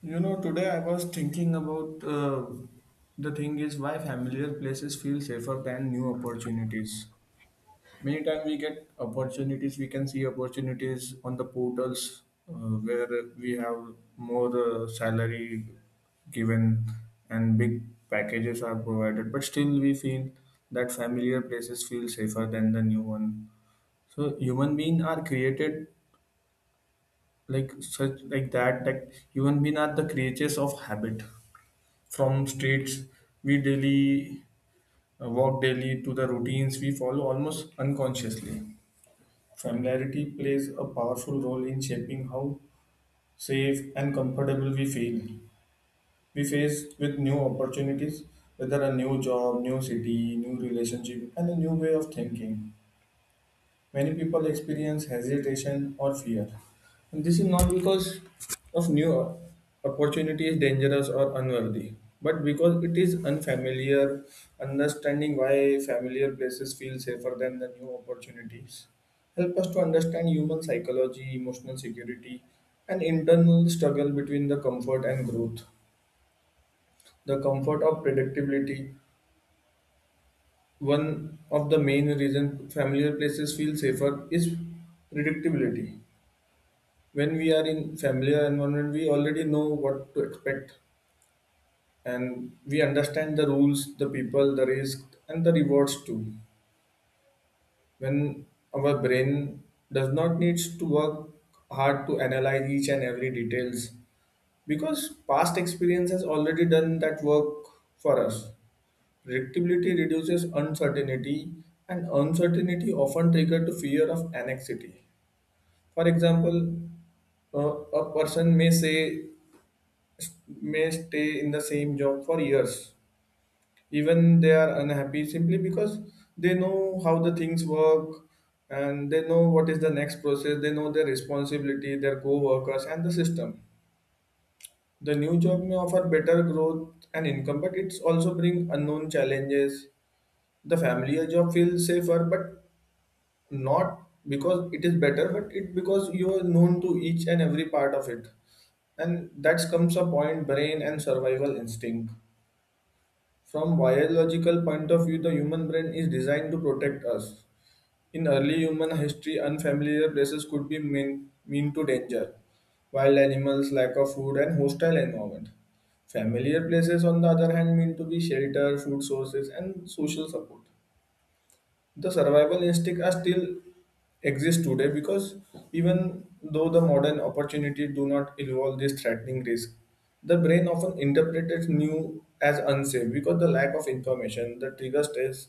You know, today I was thinking about the thing is why familiar places feel safer than new opportunities. Many times we get opportunities, we can see opportunities on the portals, uh, where we have more salary given and big packages are provided, but still we feel that familiar places feel safer than the new one. So human being are created like such like that that human being are the creatures of habit. From streets we daily walk daily to the routines we follow almost unconsciously. Familiarity plays a powerful role in shaping how safe and comfortable we feel. We face with new opportunities, whether a new job, new city, new relationship, and a new way of thinking. Many people experience hesitation or fear. And this is not because of new opportunity is dangerous or unworthy, but because it is unfamiliar, understanding why familiar places feel safer than the new opportunities. Help us to understand human psychology, emotional security, and internal struggle between the comfort and growth. The comfort of predictability, one of the main reasons familiar places feel safer is predictability. When we are in familiar environment, we already know what to expect, and we understand the rules, the people, the risk, and the rewards too. When our brain does not needs to work hard to analyze each and every details, because past experience has already done that work for us. Predictability reduces uncertainty, and uncertainty often trigger to fear of anxiety. For example, a person may say, may stay in the same job for years, even they are unhappy, simply because they know how the things work, and they know what is the next process. They know their responsibility, their co-workers, and the system. The new job may offer better growth and income, but it's also bring unknown challenges. The familiar job feels safer, but not because it is better, but it because you are known to each and every part of it. And that comes a point, brain and survival instinct. From biological point of view, the human brain is designed to protect us. In early human history, unfamiliar places could be mean to danger, wild animals, lack of food, and hostile environment. Familiar places, on the other hand, mean to be shelter, food sources, and social support. The survival instinct are still exist today, because even though the modern opportunity do not involve this threatening risk, the brain often interprets new as unsafe because the lack of information the trigger stress.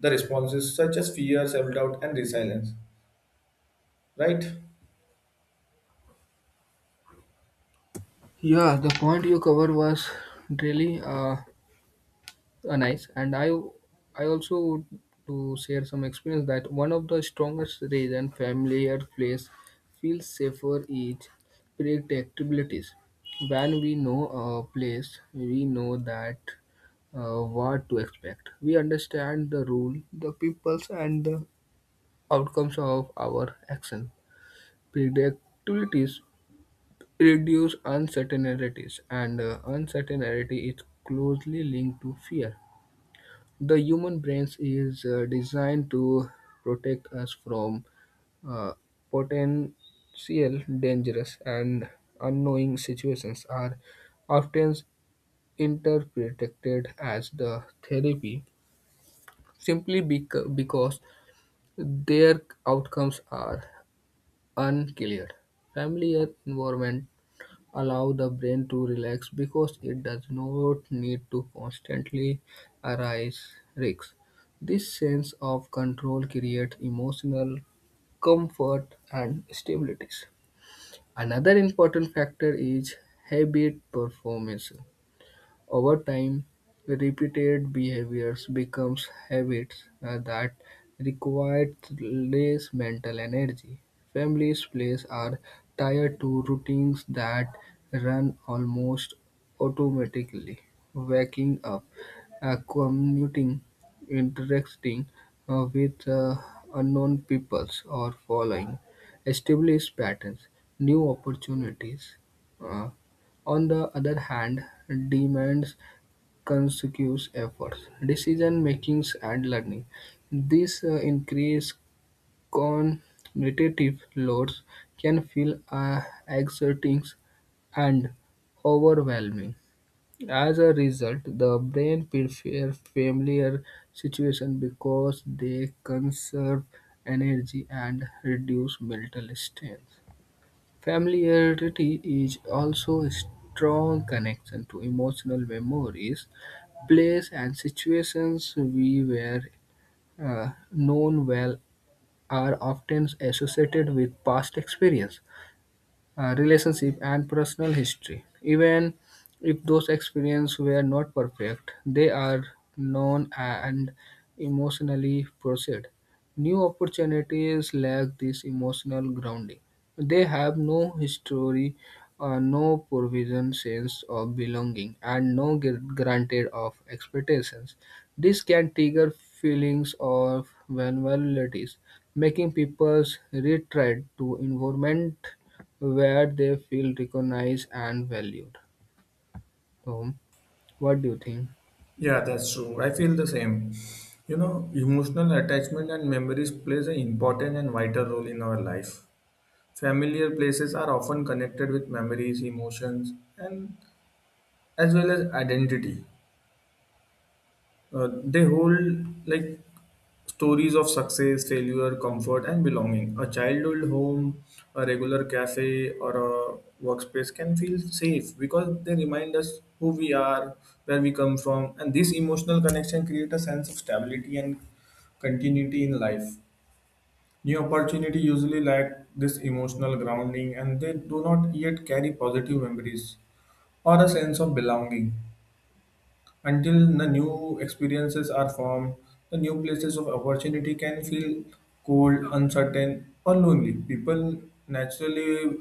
The responses such as fear, self-doubt, and resilience, right? Yeah, the point you covered was really nice, and I also would to share some experience that one of the strongest reason familiar place feels safer is predictabilities. When we know a place, we know that what to expect. We understand the rule, the peoples, and the outcomes of our action. Predictabilities reduce uncertainties, and uncertainty is closely linked to fear. The human brain is designed to protect us from uh, potential dangerous and unknowing situations are often interpreted as the therapy simply because their outcomes are unclear. Familiar environment allow the brain to relax because it does not need to constantly arise risks. This sense of control creates emotional comfort and stability. Another important factor is habit performance. Over time, repeated behaviors becomes habits that require less mental energy. Families' plays are tied to routines that run almost automatically. Waking up, commuting, interacting with unknown peoples, or following established patterns, new opportunities. Uh, on the other hand, demands conscious efforts, decision makings, and learning. These increased cognitive loads can feel exerting and overwhelming. As a result, the brain prefers familiar situations because they conserve energy and reduce mental strain. Familiarity is also a strong connection to emotional memories, places and situations we were known well are often associated with past experience relationship, and personal history. Even if those experiences were not perfect, they are known and emotionally processed. New opportunities lack this emotional grounding. They have no history, no provision sense of belonging, and no granted of expectations. This can trigger feelings of vulnerabilities, making people retreat to environment where they feel recognized and valued. So, what do you think? Yeah, that's true. I feel the same. You know, emotional attachment and memories plays an important and vital role in our life. Familiar places are often connected with memories, emotions, and as well as identity. They hold like stories of success, failure, comfort, and belonging. A childhood home, a regular cafe, or a workspace can feel safe because they remind us who we are, where we come from, and this emotional connection creates a sense of stability and continuity in life. New opportunity usually lack this emotional grounding, and they do not yet carry positive memories or a sense of belonging. Until the new experiences are formed, the new places of opportunity can feel cold, uncertain, or lonely. People naturally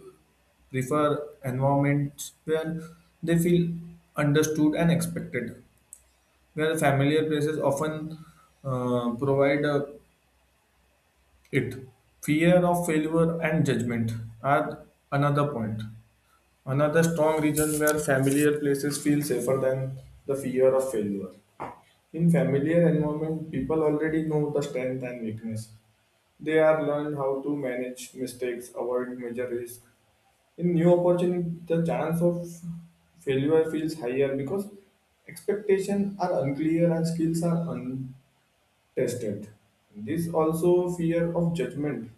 prefer environments where they feel understood and expected, where familiar places often provide it. Fear of failure and judgment are another point. Another strong reason where familiar places feel safer than the fear of failure. In familiar environment, people already know the strength and weakness. They are learned how to manage mistakes, avoid major risk. In new opportunity, the chance of failure feels higher because expectations are unclear and skills are untested. This also fear of judgment.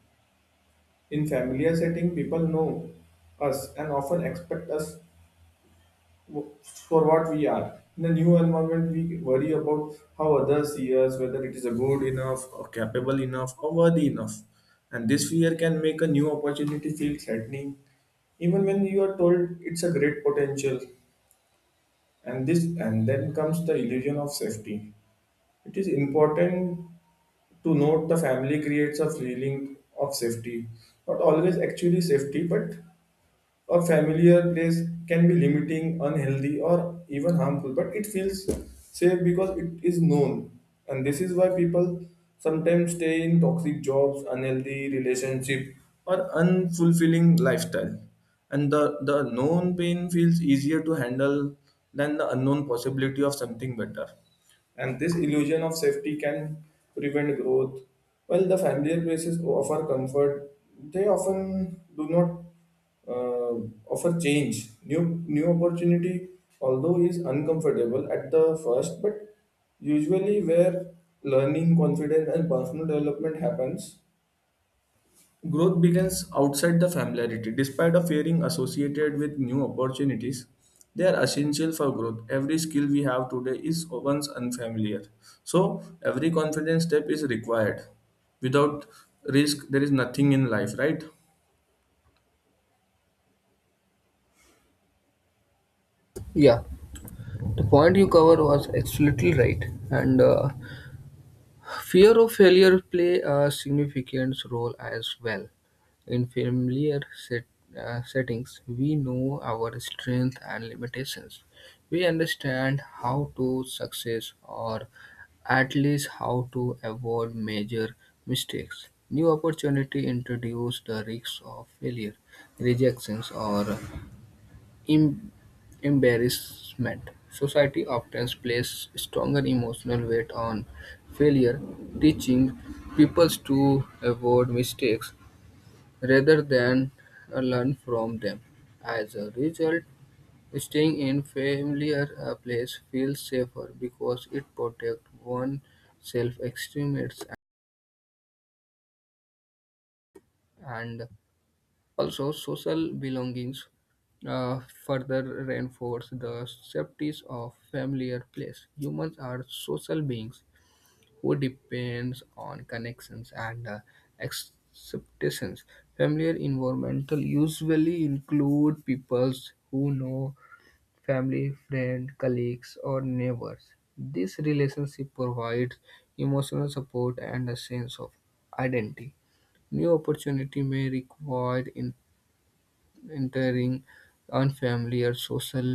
In familiar setting, people know us and often expect us for what we are. In the new environment, we worry about how others see us, whether it is a good enough, or capable enough, or worthy enough. And this fear can make a new opportunity feel threatening, even when you are told it's a great potential. And this, and then comes the illusion of safety. It is important to note the family creates a feeling of safety, not always actually safety, but or familiar place can be limiting, unhealthy, or even harmful, but it feels safe because it is known. And this is why people sometimes stay in toxic jobs, unhealthy relationship, or unfulfilling lifestyle. And the known pain feels easier to handle than the unknown possibility of something better. And this illusion of safety can prevent growth. While the familiar places offer comfort, they often do not uh, offer change, new opportunity, although is uncomfortable at the first, but usually where learning, confidence, and personal development happens, growth begins outside the familiarity. Despite of fearing associated with new opportunities, they are essential for growth. Every skill we have today is once unfamiliar, so every confidence step is required. Without risk, there is nothing in life, right? Yeah, the point you covered was absolutely right, and fear of failure play a significant role as well. In familiar settings, we know our strengths and limitations. We understand how to success or at least how to avoid major mistakes. New opportunity introduce the risks of failure, rejections, or in embarrassment, society often places stronger emotional weight on failure, teaching people to avoid mistakes rather than learn from them. As a result, staying in familiar place feels safer because it protects one's self-estimates and also, social belongings further reinforce the safeties of familiar place. Humans are social beings who depends on connections and acceptations. Familiar environmental usually include peoples who know family, friend, colleagues, or neighbors. This relationship provides emotional support and a sense of identity. New opportunity may require in entering unfamiliar social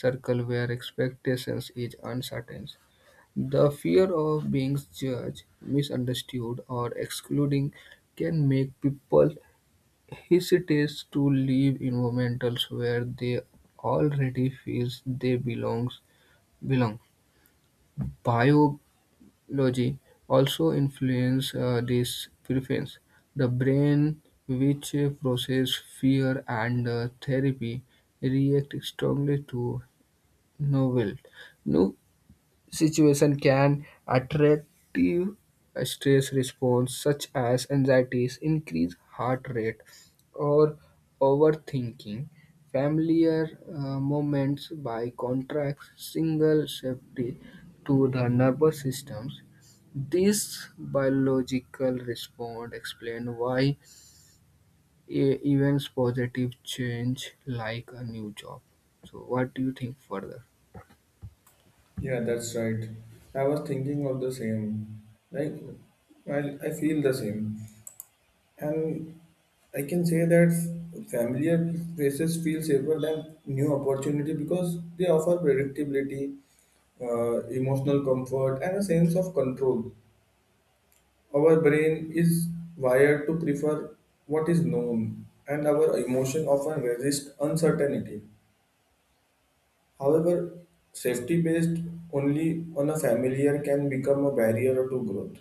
circle where expectations is uncertain. The fear of being judged, misunderstood, or excluding can make people hesitate to leave environments where they already feel they belong. Bio Logi also influence these preferences: the brain, which processes fear and therapy, reacts strongly to novelty situation can attractive stress response such as anxieties, increased heart rate, or overthinking. Familiar moments by contract single safety to the nervous systems. This biological response explain why events positive change like a new job. So what do you think further? Yeah, that's right. I was thinking of the same. Like, I, I feel the same. And I can say that familiar faces feel safer than new opportunity because they offer predictability, emotional comfort, and a sense of control. Our brain is wired to prefer what is known, and our emotion often resist uncertainty. However, safety based only on a familiar can become a barrier to growth.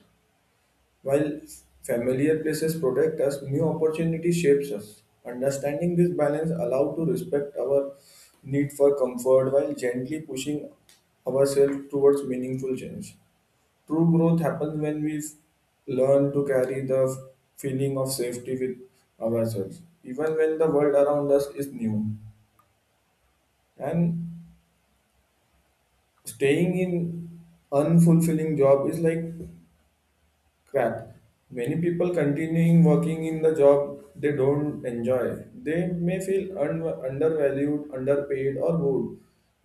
While familiar places protect us, new opportunity shapes us. Understanding this balance allows to respect our need for comfort while gently pushing ourselves towards meaningful change. True growth happens when we learn to carry the feeling of safety with ourselves, even when the world around us is new. And staying in unfulfilling job is like crap. Many people continuing working in the job they don't enjoy, they may feel undervalued, underpaid, or bored,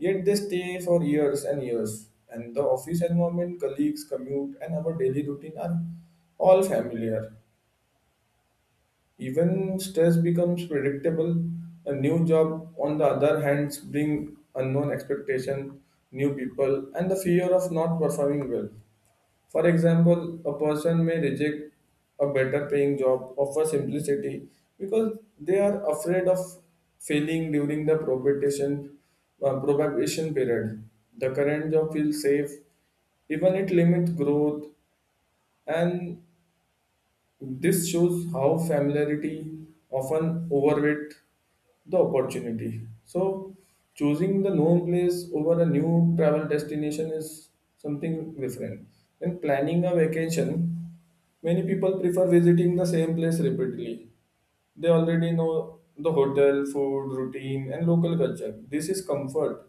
yet they stay for years and years. And the office environment, colleagues, commute, and our daily routine are all familiar. Even stress becomes predictable. A new job, on the other hand, brings unknown expectation, new people, and the fear of not performing well. For example, a person may reject a better paying job offer simplicity because they are afraid of failing during the probation, probation period. The current job feels safe, even it limits growth, and this shows how familiarity often overweight the opportunity. So, choosing the known place over a new travel destination is something different. When planning a vacation, many people prefer visiting the same place repeatedly. They already know the hotel, food, routine, and local culture. This is comfort,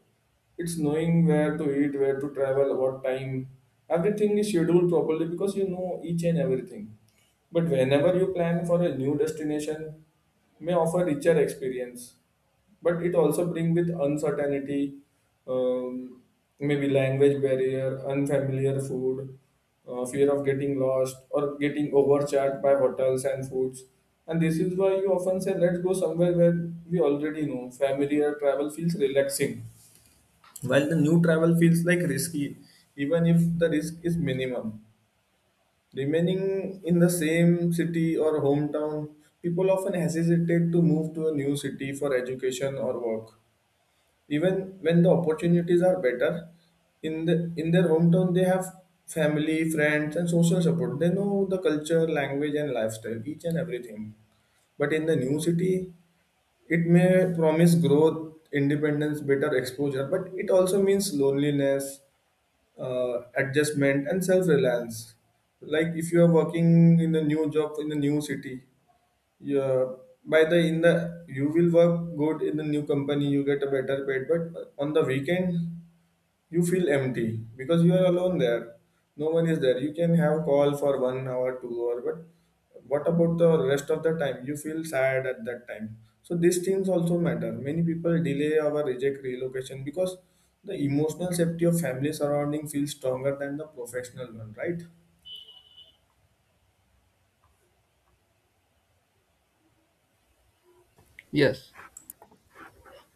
it's knowing where to eat, where to travel, what time. Everything is scheduled properly because you know each and everything. But whenever you plan for a new destination, may offer richer experience, but it also bring with uncertainty, um, maybe language barrier, unfamiliar food, fear of getting lost or getting overcharged by hotels and foods. And this is why you often say, "Let's go somewhere where we already know." Familiar travel feels relaxing. While the new travel feels like risky, even if the risk is minimum, remaining in the same city or hometown, people often hesitate to move to a new city for education or work. Even when the opportunities are better, in the in their hometown they have family, friends, and social support. They know the culture, language, and lifestyle, each and everything. But in the new city, it may promise growth, independence, better exposure, but it also means loneliness, adjustment and self-reliance, like if you are working in a new job in a new city, yeah. By the in the, you will work good in the new company, you get a better paid, but on the weekend you feel empty because you are alone there. No one is there, you can have call for 1 hour 2 hour, but what about the rest of the time? You feel sad at that time. So these things also matter. Many people delay or reject relocation because the emotional safety of family surrounding feels stronger than the professional one, right? Yes.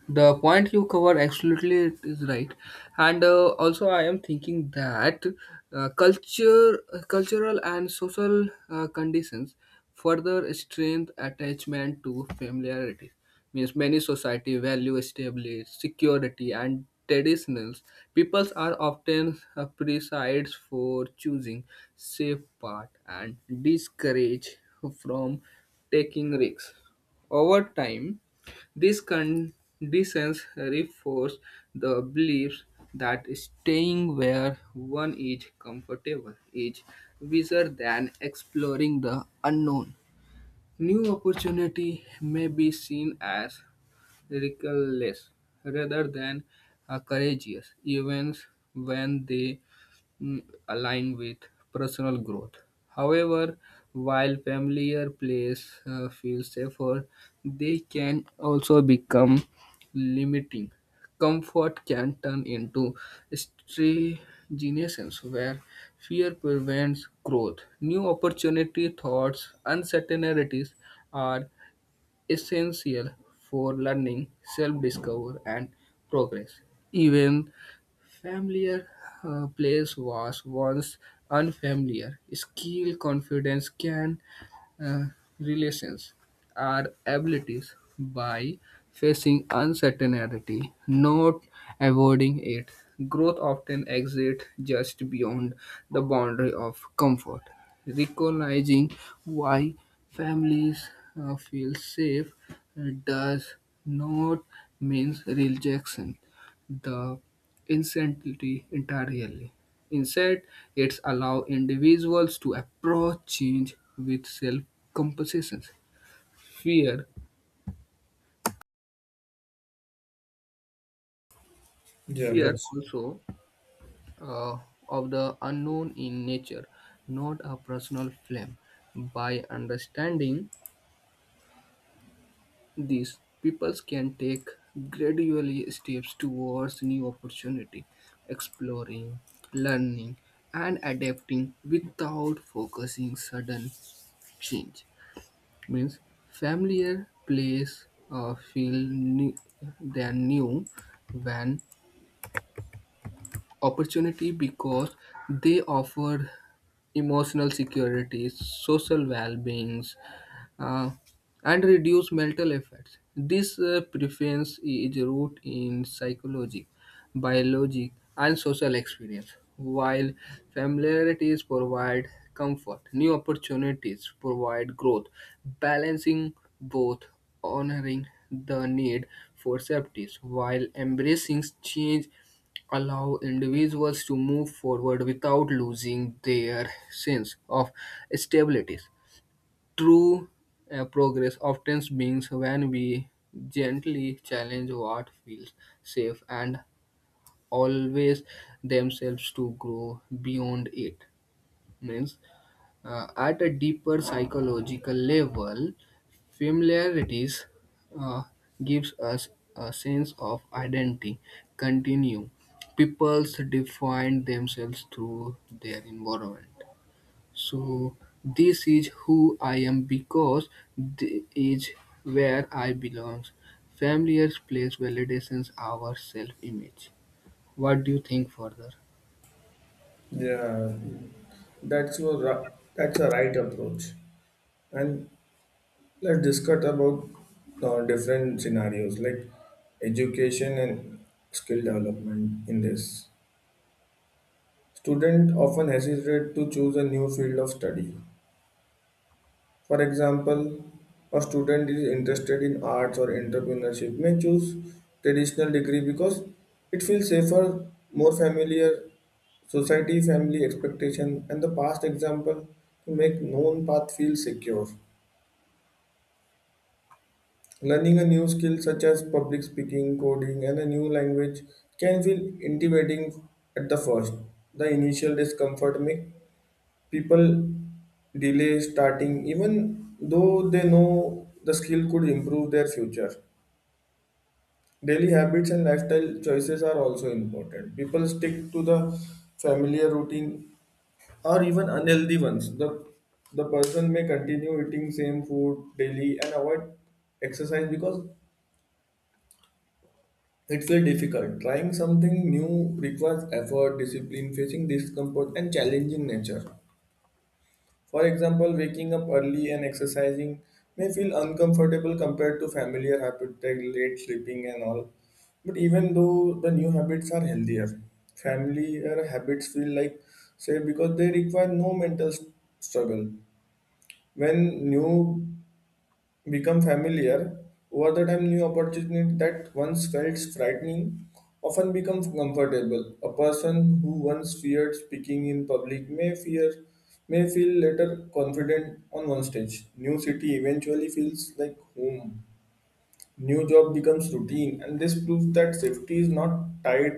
The point you cover absolutely it is right and also I am thinking that culture cultural and social conditions further strengthen attachment to familiarity means many society value established security and traditionals peoples are often precise for choosing safe path and discourage from taking risks over time these conditions reinforce the belief that staying where one is comfortable is wiser than exploring the unknown. New opportunity may be seen as reckless rather than courageous, even when they mm, align with personal growth. However, while familiar place feel safer, they can also become limiting. Comfort can turn into stagnations where fear prevents growth. New opportunity, thoughts, uncertainties are essential for learning, self-discovery, and progress. Even familiar place was once unfamiliar. Skill, confidence, can uh, relations are abilities by facing uncertainty, not avoiding it. Growth often exists just beyond the boundary of comfort. Recognizing why families feel safe does not mean rejection the insanity entirely. Instead, it allows individuals to approach change with self-compassion. Fear, Yeah, fear that's also uh, of the unknown in nature, not a personal flame. By understanding this, people can take gradually steps towards new opportunity, exploring, learning, and adapting without focusing sudden change. Means familiar place or feel new, than new when opportunity because they offer emotional security, social well-being, uh, and reduce mental effects. This preference is rooted in psychology, biology, and social experience. While familiarities provide comfort, new opportunities provide growth, balancing both honoring the need for safety while embracing change allow individuals to move forward without losing their sense of stability. True progress often means when we gently challenge what feels safe and always themselves to grow beyond it. Means at a deeper psychological level, familiarities uh, gives us a sense of identity. Continue. Peoples define themselves through their environment so this is who I am because this is where I belong. Familiar place validates our self-image. What do you think further? yeah, that's your ri- that's a right approach. And let's discuss about different scenarios like education and skill development in this. Student often hesitate to choose a new field of study. For example, a student is interested in arts or entrepreneurship may choose traditional degree because it feels safer, more familiar, society, family expectation and the past example to make known path feel secure. Learning a new skill such as public speaking, coding, and a new language can feel intimidating at the first. The initial discomfort makes people delay starting, even though they know the skill could improve their future. Daily habits and lifestyle choices are also important. People stick to the familiar routine or even unhealthy ones. The person may continue eating same food daily and avoid exercise because it's very difficult. Trying something new requires effort, discipline, facing discomfort, and challenging nature. For example, waking up early and exercising may feel uncomfortable compared to familiar habits like late sleeping and all. But even though the new habits are healthier, familiar habits feel like safe because they require no mental struggle. When new become familiar, over the time new opportunities that once felt frightening often become comfortable. A person who once feared speaking in public may feel later confident on one stage. New city eventually feels like home. New job becomes routine and this proves that safety is not tied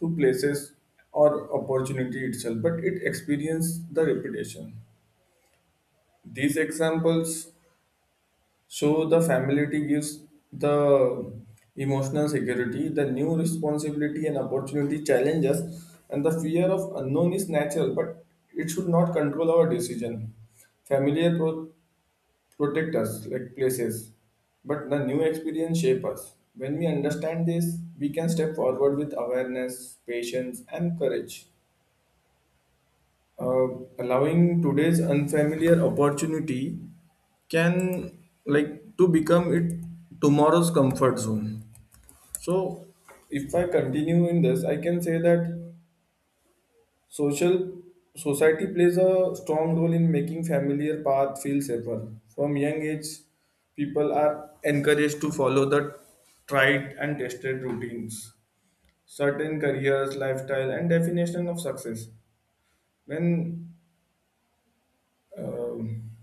to places or opportunity itself, but it experiences the repetition. These examples so the familiarity gives the emotional security, the new responsibility and opportunity challenges, and the fear of unknown is natural, but it should not control our decision. Familiar pro- Protect us like places, but the new experience shape us. When we understand this, we can step forward with awareness, patience, and courage, uh, allowing today's unfamiliar opportunity can like to become it tomorrow's comfort zone. So if I continue in this I can say that social society plays a strong role in making familiar path feel safer. From young age, people are encouraged to follow the tried and tested routines, certain careers, lifestyle and definition of success. When um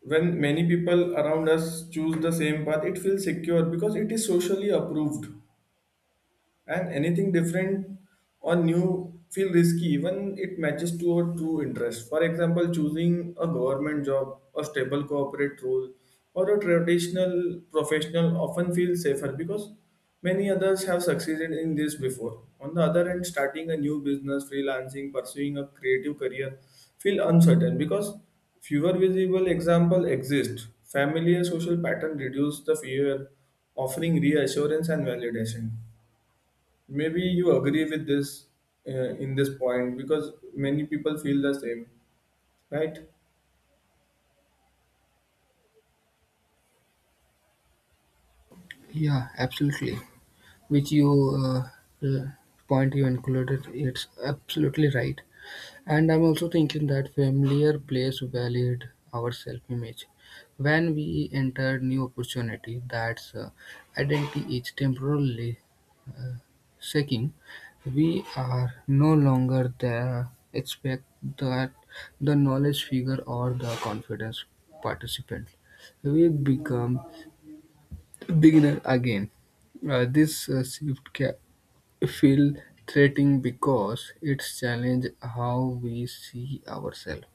when many people around us choose the same path, it feels secure because it is socially approved, and anything different or new feel risky, even it matches to our true interest. For example, choosing a government job, a stable corporate role, or a traditional professional often feels safer because many others have succeeded in this before. On the other hand, starting a new business, freelancing, pursuing a creative career feel uncertain because fewer visible example exist. Familiar social pattern reduce the fear, offering reassurance and validation. Maybe you agree with this, in this point, because many people feel the same, right? Yeah, absolutely. Which you uh, uh, point you included, it's absolutely right. And I'm also thinking that familiar place valid our self-image. When we enter new opportunity, that's identity is temporarily shaking, we are no longer the expect that the knowledge figure or the confidence participant. We become beginner again. This shift can feel threatening because it challenges how we see ourselves.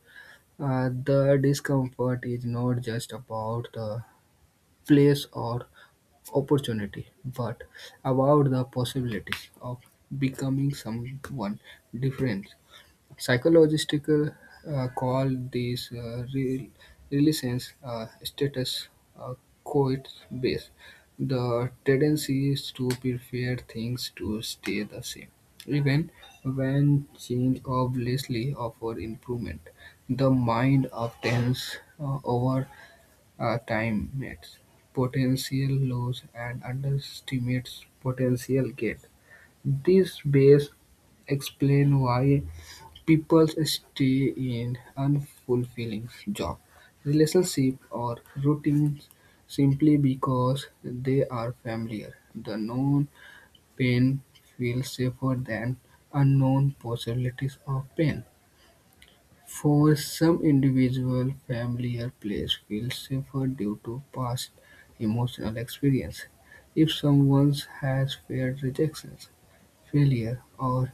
The discomfort is not just about the place or opportunity, but about the possibility of becoming someone different. Psychologists call these relations status uh, quote base. The tendency is to prefer things to stay the same, even when change obviously offer improvement. The mind obtains over overestimates potential loss and underestimates potential gain; these base explain why people stay in unfulfilling jobs, relationships, or routines simply because they are familiar. The known pain feels safer than unknown possibilities of pain. For some individuals, familiar places feel safer due to past emotional experience. If someone has feared rejection, failure, or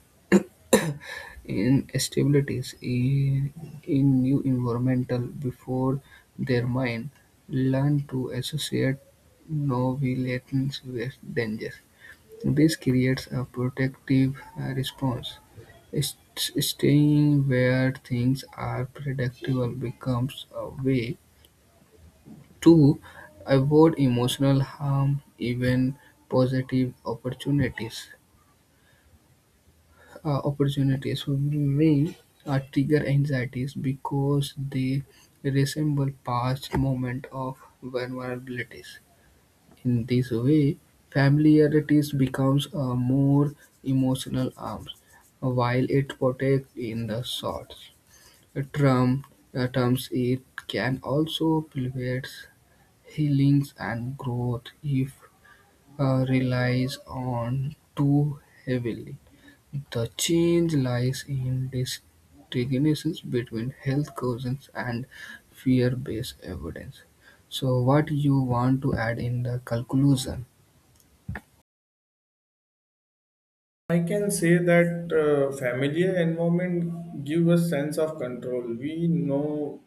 instabilities in new environmental before their mind learn to associate novelties with danger. This creates a protective response; staying where things are predictable becomes a way to avoid emotional harm, even positive opportunities may trigger anxieties because they resemble past moments of vulnerabilities. In this way, familiarity becomes a more emotional arm, while it protects in the short term. Terms it can also prevent healings and growth if relies on too heavily. The change lies in distinctions between health causes and fear-based evidence. So, what you want to add in the conclusion? I can say that familiar environment give a sense of control. We know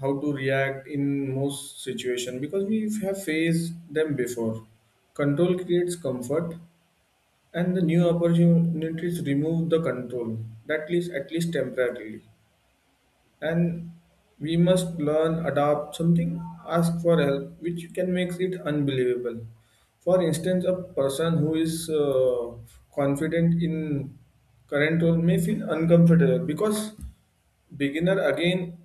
how to react in most situation because we have faced them before. Control creates comfort, and the new opportunities remove the control, that least at least temporarily, and we must learn, adapt something, ask for help, which can make it unbelievable. For instance, a person who is confident in current role may feel uncomfortable because beginner again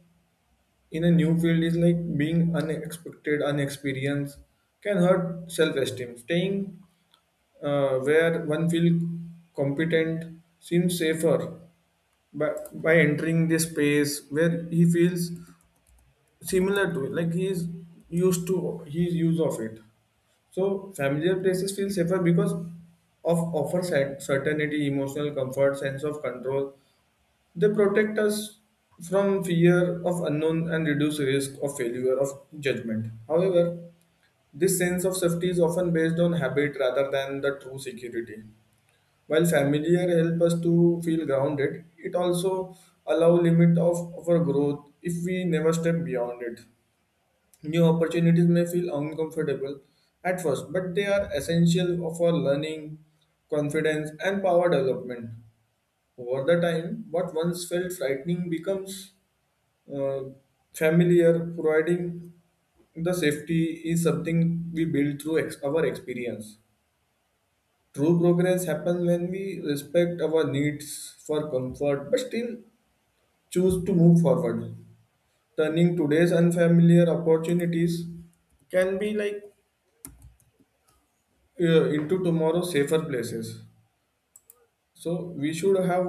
in a new field is like being unexpected, unexperienced, can hurt self-esteem. Staying where one feels competent seems safer by entering this space where he feels similar to it, like he is used to his use of it. So familiar places feel safer because of offer certainty, emotional comfort, sense of control. They protect us from fear of unknown and reduce risk of failure of judgment. However, this sense of safety is often based on habit rather than the true security. While familiar help us to feel grounded, it also allow limit of our growth if we never step beyond it. New opportunities may feel uncomfortable at first, but they are essential for learning, confidence, and power development. Over the time, what once felt frightening becomes uh, familiar, providing the safety is something we build through our experience. True progress happens when we respect our needs for comfort but still choose to move forward. Turning today's unfamiliar opportunities can be like, into tomorrow's safer places. So we should have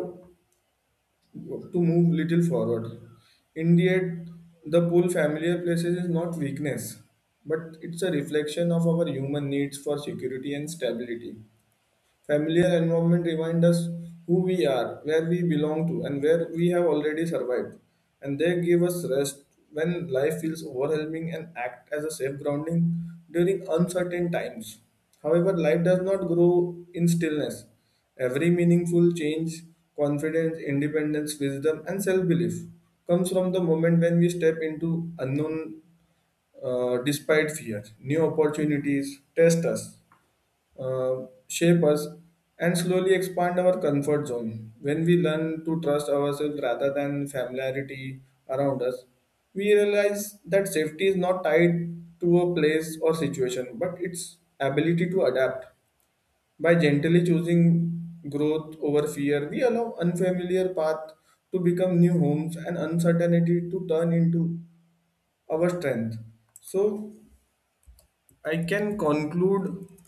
to move little forward. Indeed, the pull familiar places is not weakness, but it's a reflection of our human needs for security and stability. Familiar environment remind us who we are, where we belong to, and where we have already survived. And they give us rest when life feels overwhelming and act as a safe grounding during uncertain times. However, life does not grow in stillness. Every meaningful change, confidence, independence, wisdom, and self belief comes from the moment when we step into unknown, despite fear. New opportunities test us, shape us and slowly expand our comfort zone. When we learn to trust ourselves rather than familiarity around us, we realize that safety is not tied to a place or situation, but its ability to adapt. By gently choosing growth over fear, we allow unfamiliar paths to become new homes and uncertainty to turn into our strength. So I can conclude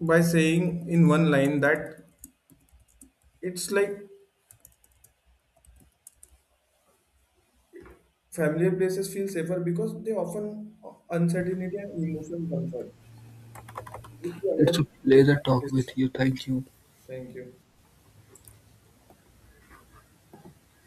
by saying in one line that it's like familiar places feel safer because they often, uncertainty and emotional comfort. If you It's a understand pleasure like talk with this. you, thank you. Thank you.